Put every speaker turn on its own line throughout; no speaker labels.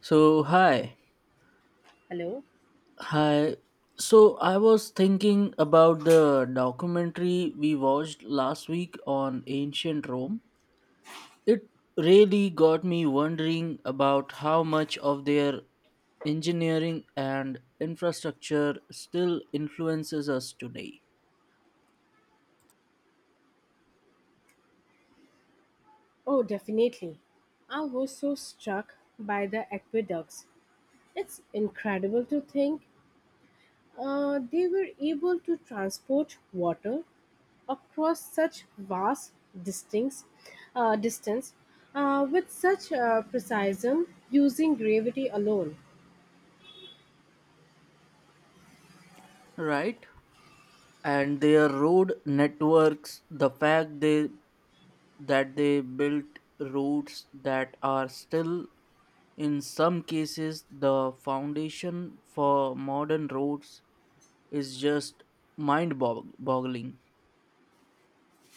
So, hi.
Hello?
Hi. So, I was thinking about the documentary we watched last week on ancient Rome. It really got me wondering about how much of their engineering and infrastructure still influences us today,
Oh, definitely. I was so struck by the aqueducts. It's incredible to think they were able to transport water across such vast distance, distance with such precision using gravity alone.
right? And their road networks, the fact they that they built roads that are still in some cases the foundation for modern roads is just boggling.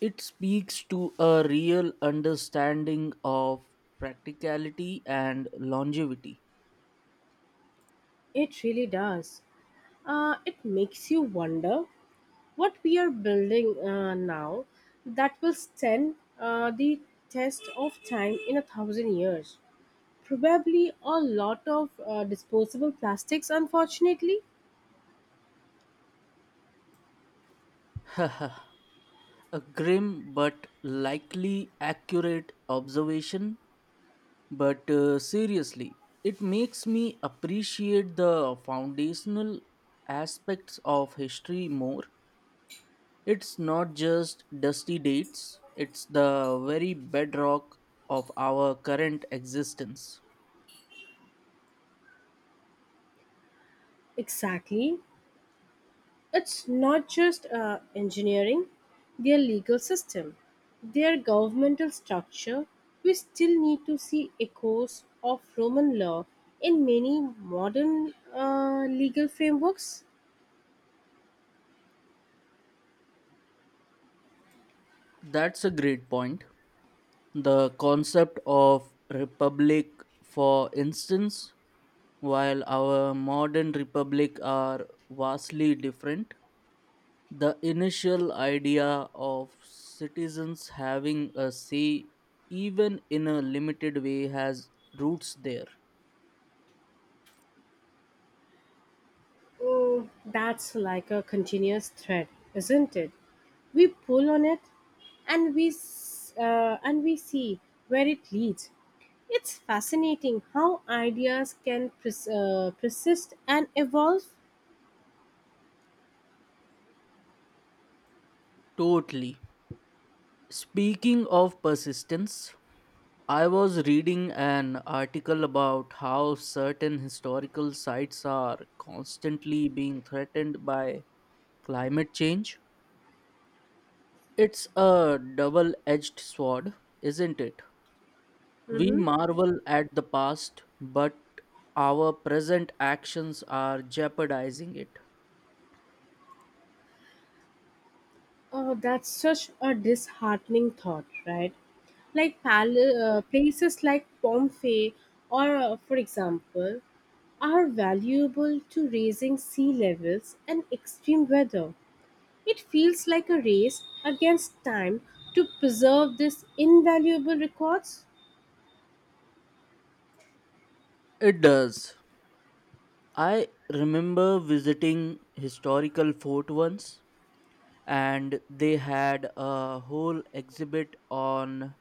It speaks to a real understanding of practicality and longevity.
It really does. It makes you wonder what we are building now that will stand the test of time in a thousand years. Probably a lot of disposable plastics, unfortunately.
A grim but likely accurate observation, but seriously, it makes me appreciate the foundational aspects of history more. It's not just dusty dates, it's the very bedrock of our current existence.
Exactly. It's not just engineering, their legal system, their governmental structure. We still need to see echoes of Roman law in many modern legal frameworks.
That's a great point. The concept of republic, for instance, while our modern republic are vastly different, the initial idea of citizens having a say, even in a limited way, has roots there.
Mm, that's like a continuous thread, isn't it? We pull on it, and and we see where it leads. It's fascinating how ideas can persist and evolve.
Totally. Speaking of persistence, I was reading an article about how certain historical sites are constantly being threatened by climate change. It's a double edged sword, isn't it? We
Mm-hmm.
marvel at the past, but our present actions are jeopardizing it.
Oh, that's such a disheartening thought, right? Like places like Pompeii, or for example, are valuable to raising sea levels and extreme weather. It feels like a race against time to preserve these invaluable records.
It does. I remember visiting historical fort once, and they had a whole exhibit on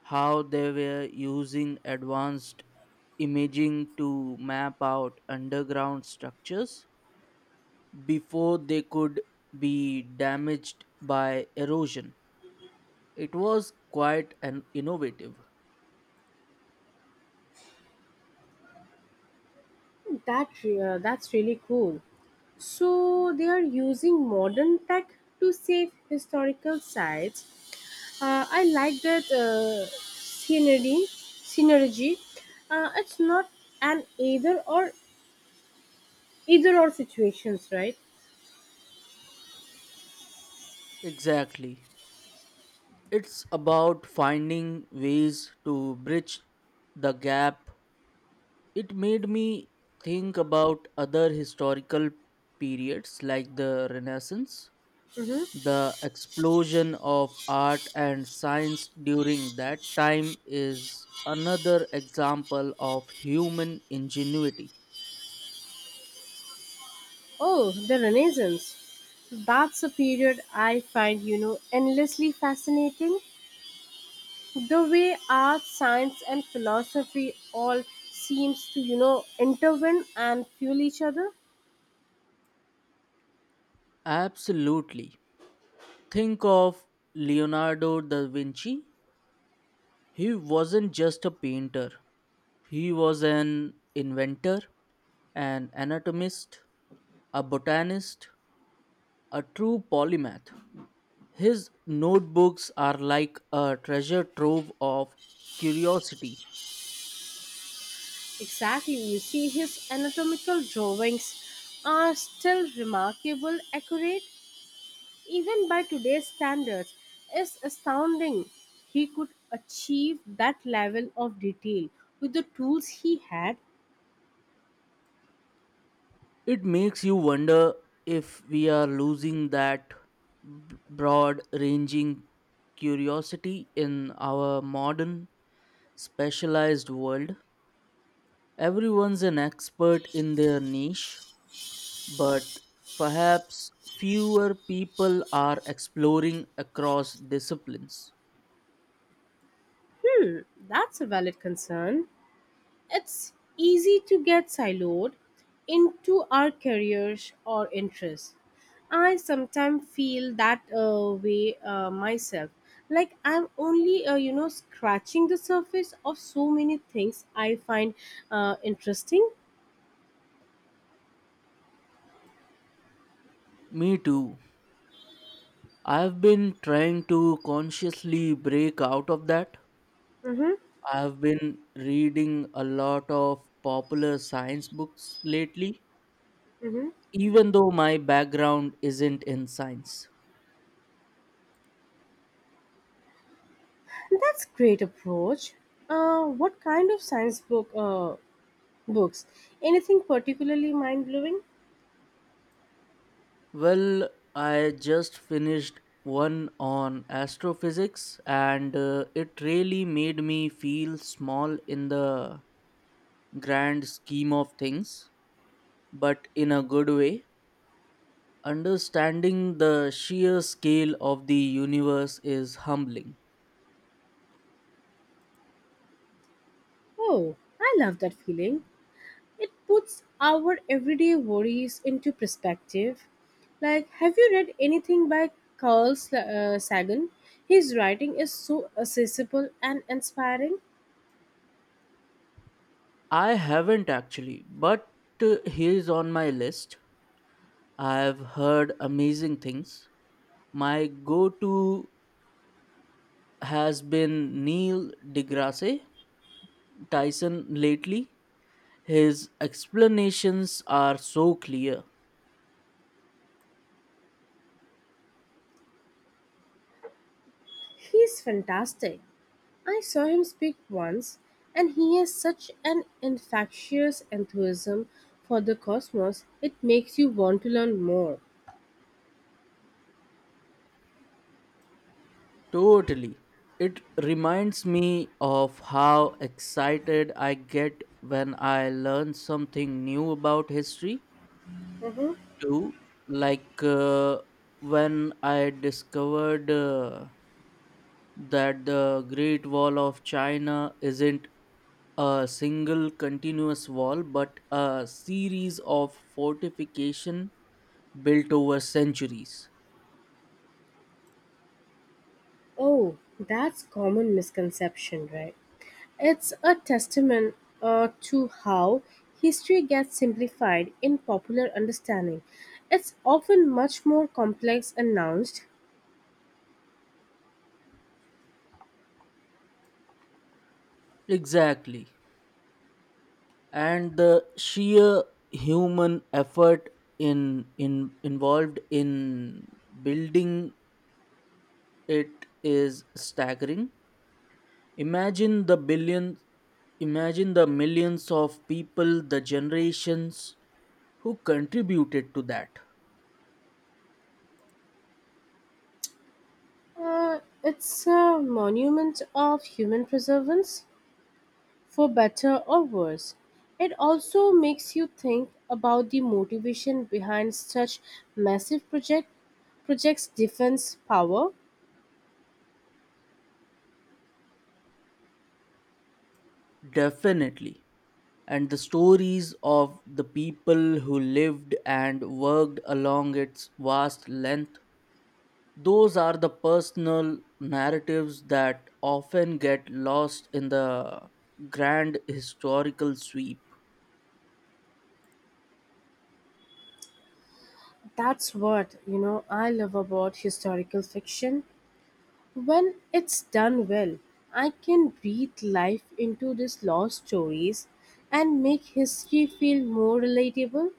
how they were using advanced imaging to map out underground structures before they could be damaged by erosion. It was quite an innovative.
That that's really cool. So they are using modern tech to save historical sites. I like that synergy. Synergy. It's not an either or situations, right?
Exactly. It's about finding ways to bridge the gap. It made me think about other historical periods like the Renaissance. The explosion of art and science during that time is another example of human ingenuity.
Oh, the Renaissance. That's a period I find endlessly fascinating. The way art, science, and philosophy all seems to, intervene and fuel each other.
Absolutely. Think of Leonardo da Vinci. He wasn't just a painter, he was an inventor, an anatomist, a botanist, a true polymath. His notebooks are like a treasure trove of curiosity.
Exactly, you see, his anatomical drawings are still remarkable, accurate, even by today's standards. It's astounding he could achieve that level of detail with the tools he had.
It makes you wonder if we are losing that broad ranging curiosity in our modern specialized world. Everyone's an expert in their niche, but perhaps fewer people are exploring across disciplines.
That's a valid concern. It's easy to get siloed into our careers or interests. I sometimes feel that way myself. Like I'm only, scratching the surface of so many things I find interesting.
Me too. I've been trying to consciously break out of that.
Mm-hmm,
I've been reading a lot of popular science books lately,
mm-hmm.
even though my background isn't in science.
That's great approach. What kind of science books? Anything particularly mind blowing?
Well, I just finished one on astrophysics, and it really made me feel small in the grand scheme of things, but in a good way. Understanding the sheer scale of the universe is humbling.
Oh, I love that feeling. It puts our everyday worries into perspective. Like, have you read anything by Sagan? His writing is so accessible and inspiring.
I haven't actually, but he is on my list. I've heard amazing things. My go to has been Neil deGrasse Tyson lately. His explanations are so clear.
He's fantastic. I saw him speak once, and he has such an infectious enthusiasm for the cosmos, it makes you want to learn more.
Totally. It reminds me of how excited I get when I learn something new about history,
Mhm.
too. Like uh, when I discovered. That the Great Wall of China isn't a single continuous wall but a series of fortification built over centuries.
Oh, that's common misconception, right? It's a testament to how history gets simplified in popular understanding. It's often much more complex and nuanced.
Exactly. And the sheer human effort in involved in building it is staggering. Imagine the billions Imagine the millions of people, the generations who contributed to that.
It's a monument of human perseverance, for better or worse. It also makes you think about the motivation behind such massive projects, defense, power.
Definitely. And the stories of the people who lived and worked along its vast length. Those are the personal narratives that often get lost in the grand historical sweep.
That's what, I love about historical fiction. When it's done well, I can breathe life into these lost stories and make history feel more relatable.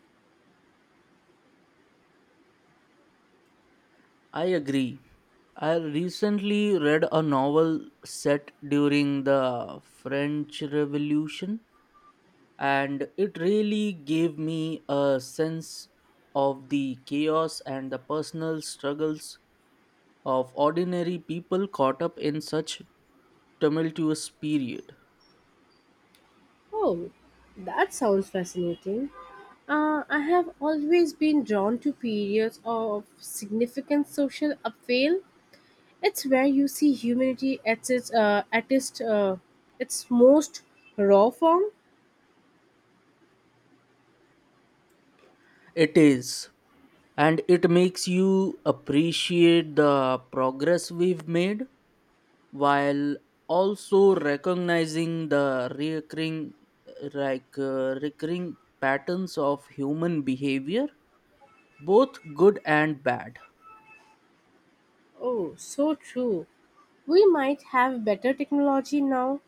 I agree. I recently read a novel set during the French Revolution, and it really gave me a sense of the chaos and the personal struggles of ordinary people caught up in such tumultuous period.
Oh, that sounds fascinating. I have always been drawn to periods of significant social upheaval. It's where you see humanity at its most raw form.
It is, and it makes you appreciate the progress we've made while also recognizing the recurring patterns of human behavior, both good and bad.
Oh, so true. We might have better technology now,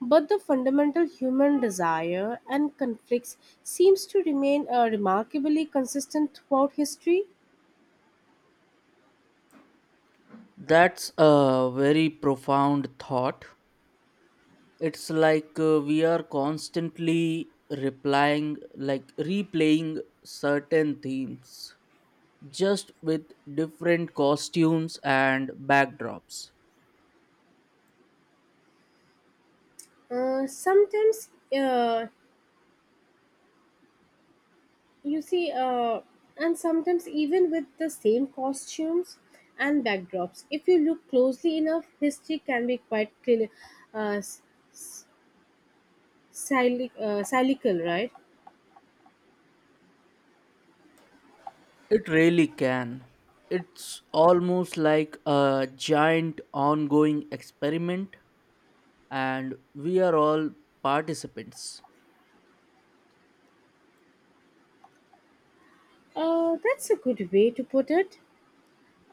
but the fundamental human desire and conflicts seems to remain remarkably consistent throughout history.
That's a very profound thought. It's we are constantly replying like replaying certain themes just with different costumes and backdrops.
Sometimes, uh, you see, and sometimes even with the same costumes and backdrops. If you look closely enough, history can be quite clear, uh, cyclical, cyclical, right?
It really can. It's almost like a giant ongoing experiment and we are all participants.
That's a good way to put it.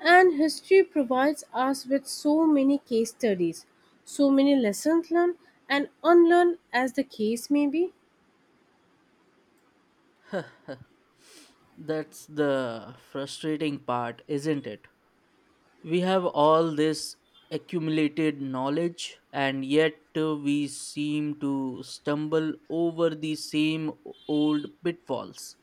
And history provides us with so many case studies, so many lessons learned and unlearned as the case may be.
That's the frustrating part, isn't it? We have all this accumulated knowledge and yet we seem to stumble over the same old pitfalls.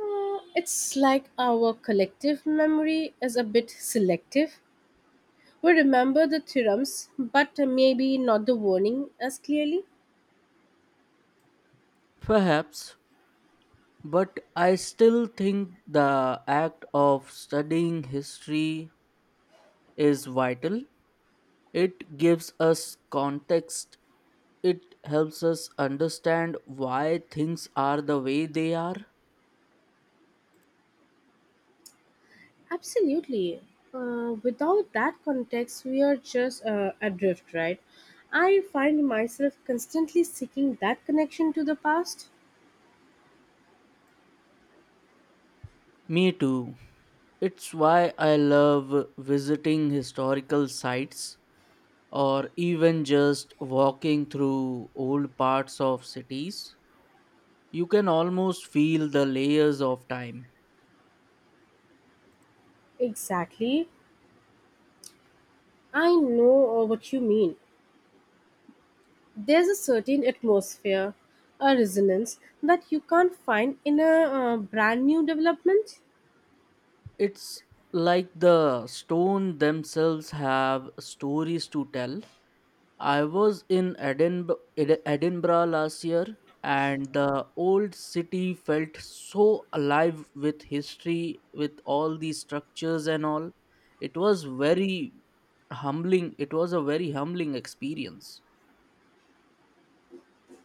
It's like our collective memory is a bit selective. We remember the theorems, but maybe not the warning as clearly.
Perhaps, but I still think the act of studying history is vital. It gives us context. It helps us understand why things are the way they are.
Absolutely. Without that context, we are just adrift, right? I find myself constantly seeking that connection to the past.
Me too. It's why I love visiting historical sites or even just walking through old parts of cities, you can almost feel the layers of time.
Exactly. I know what you mean. There's a certain atmosphere, a resonance that you can't find in a brand new development.
It's like the stone themselves have stories to tell. I was in Edinburgh last year and the old city felt so alive with history with all these structures and all. It was very humbling. It was a very humbling experience.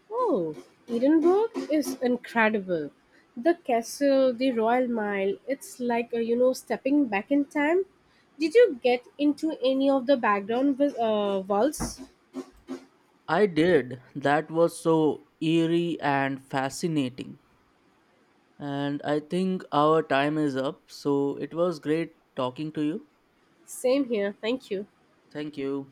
Oh, Edinburgh is incredible. The castle, the Royal Mile, it's like, stepping back in time. Did you get into any of the vaults?
I did. That was so eerie and fascinating. And I think our time is up. So it was great talking to you.
Same here, thank you.
Thank you.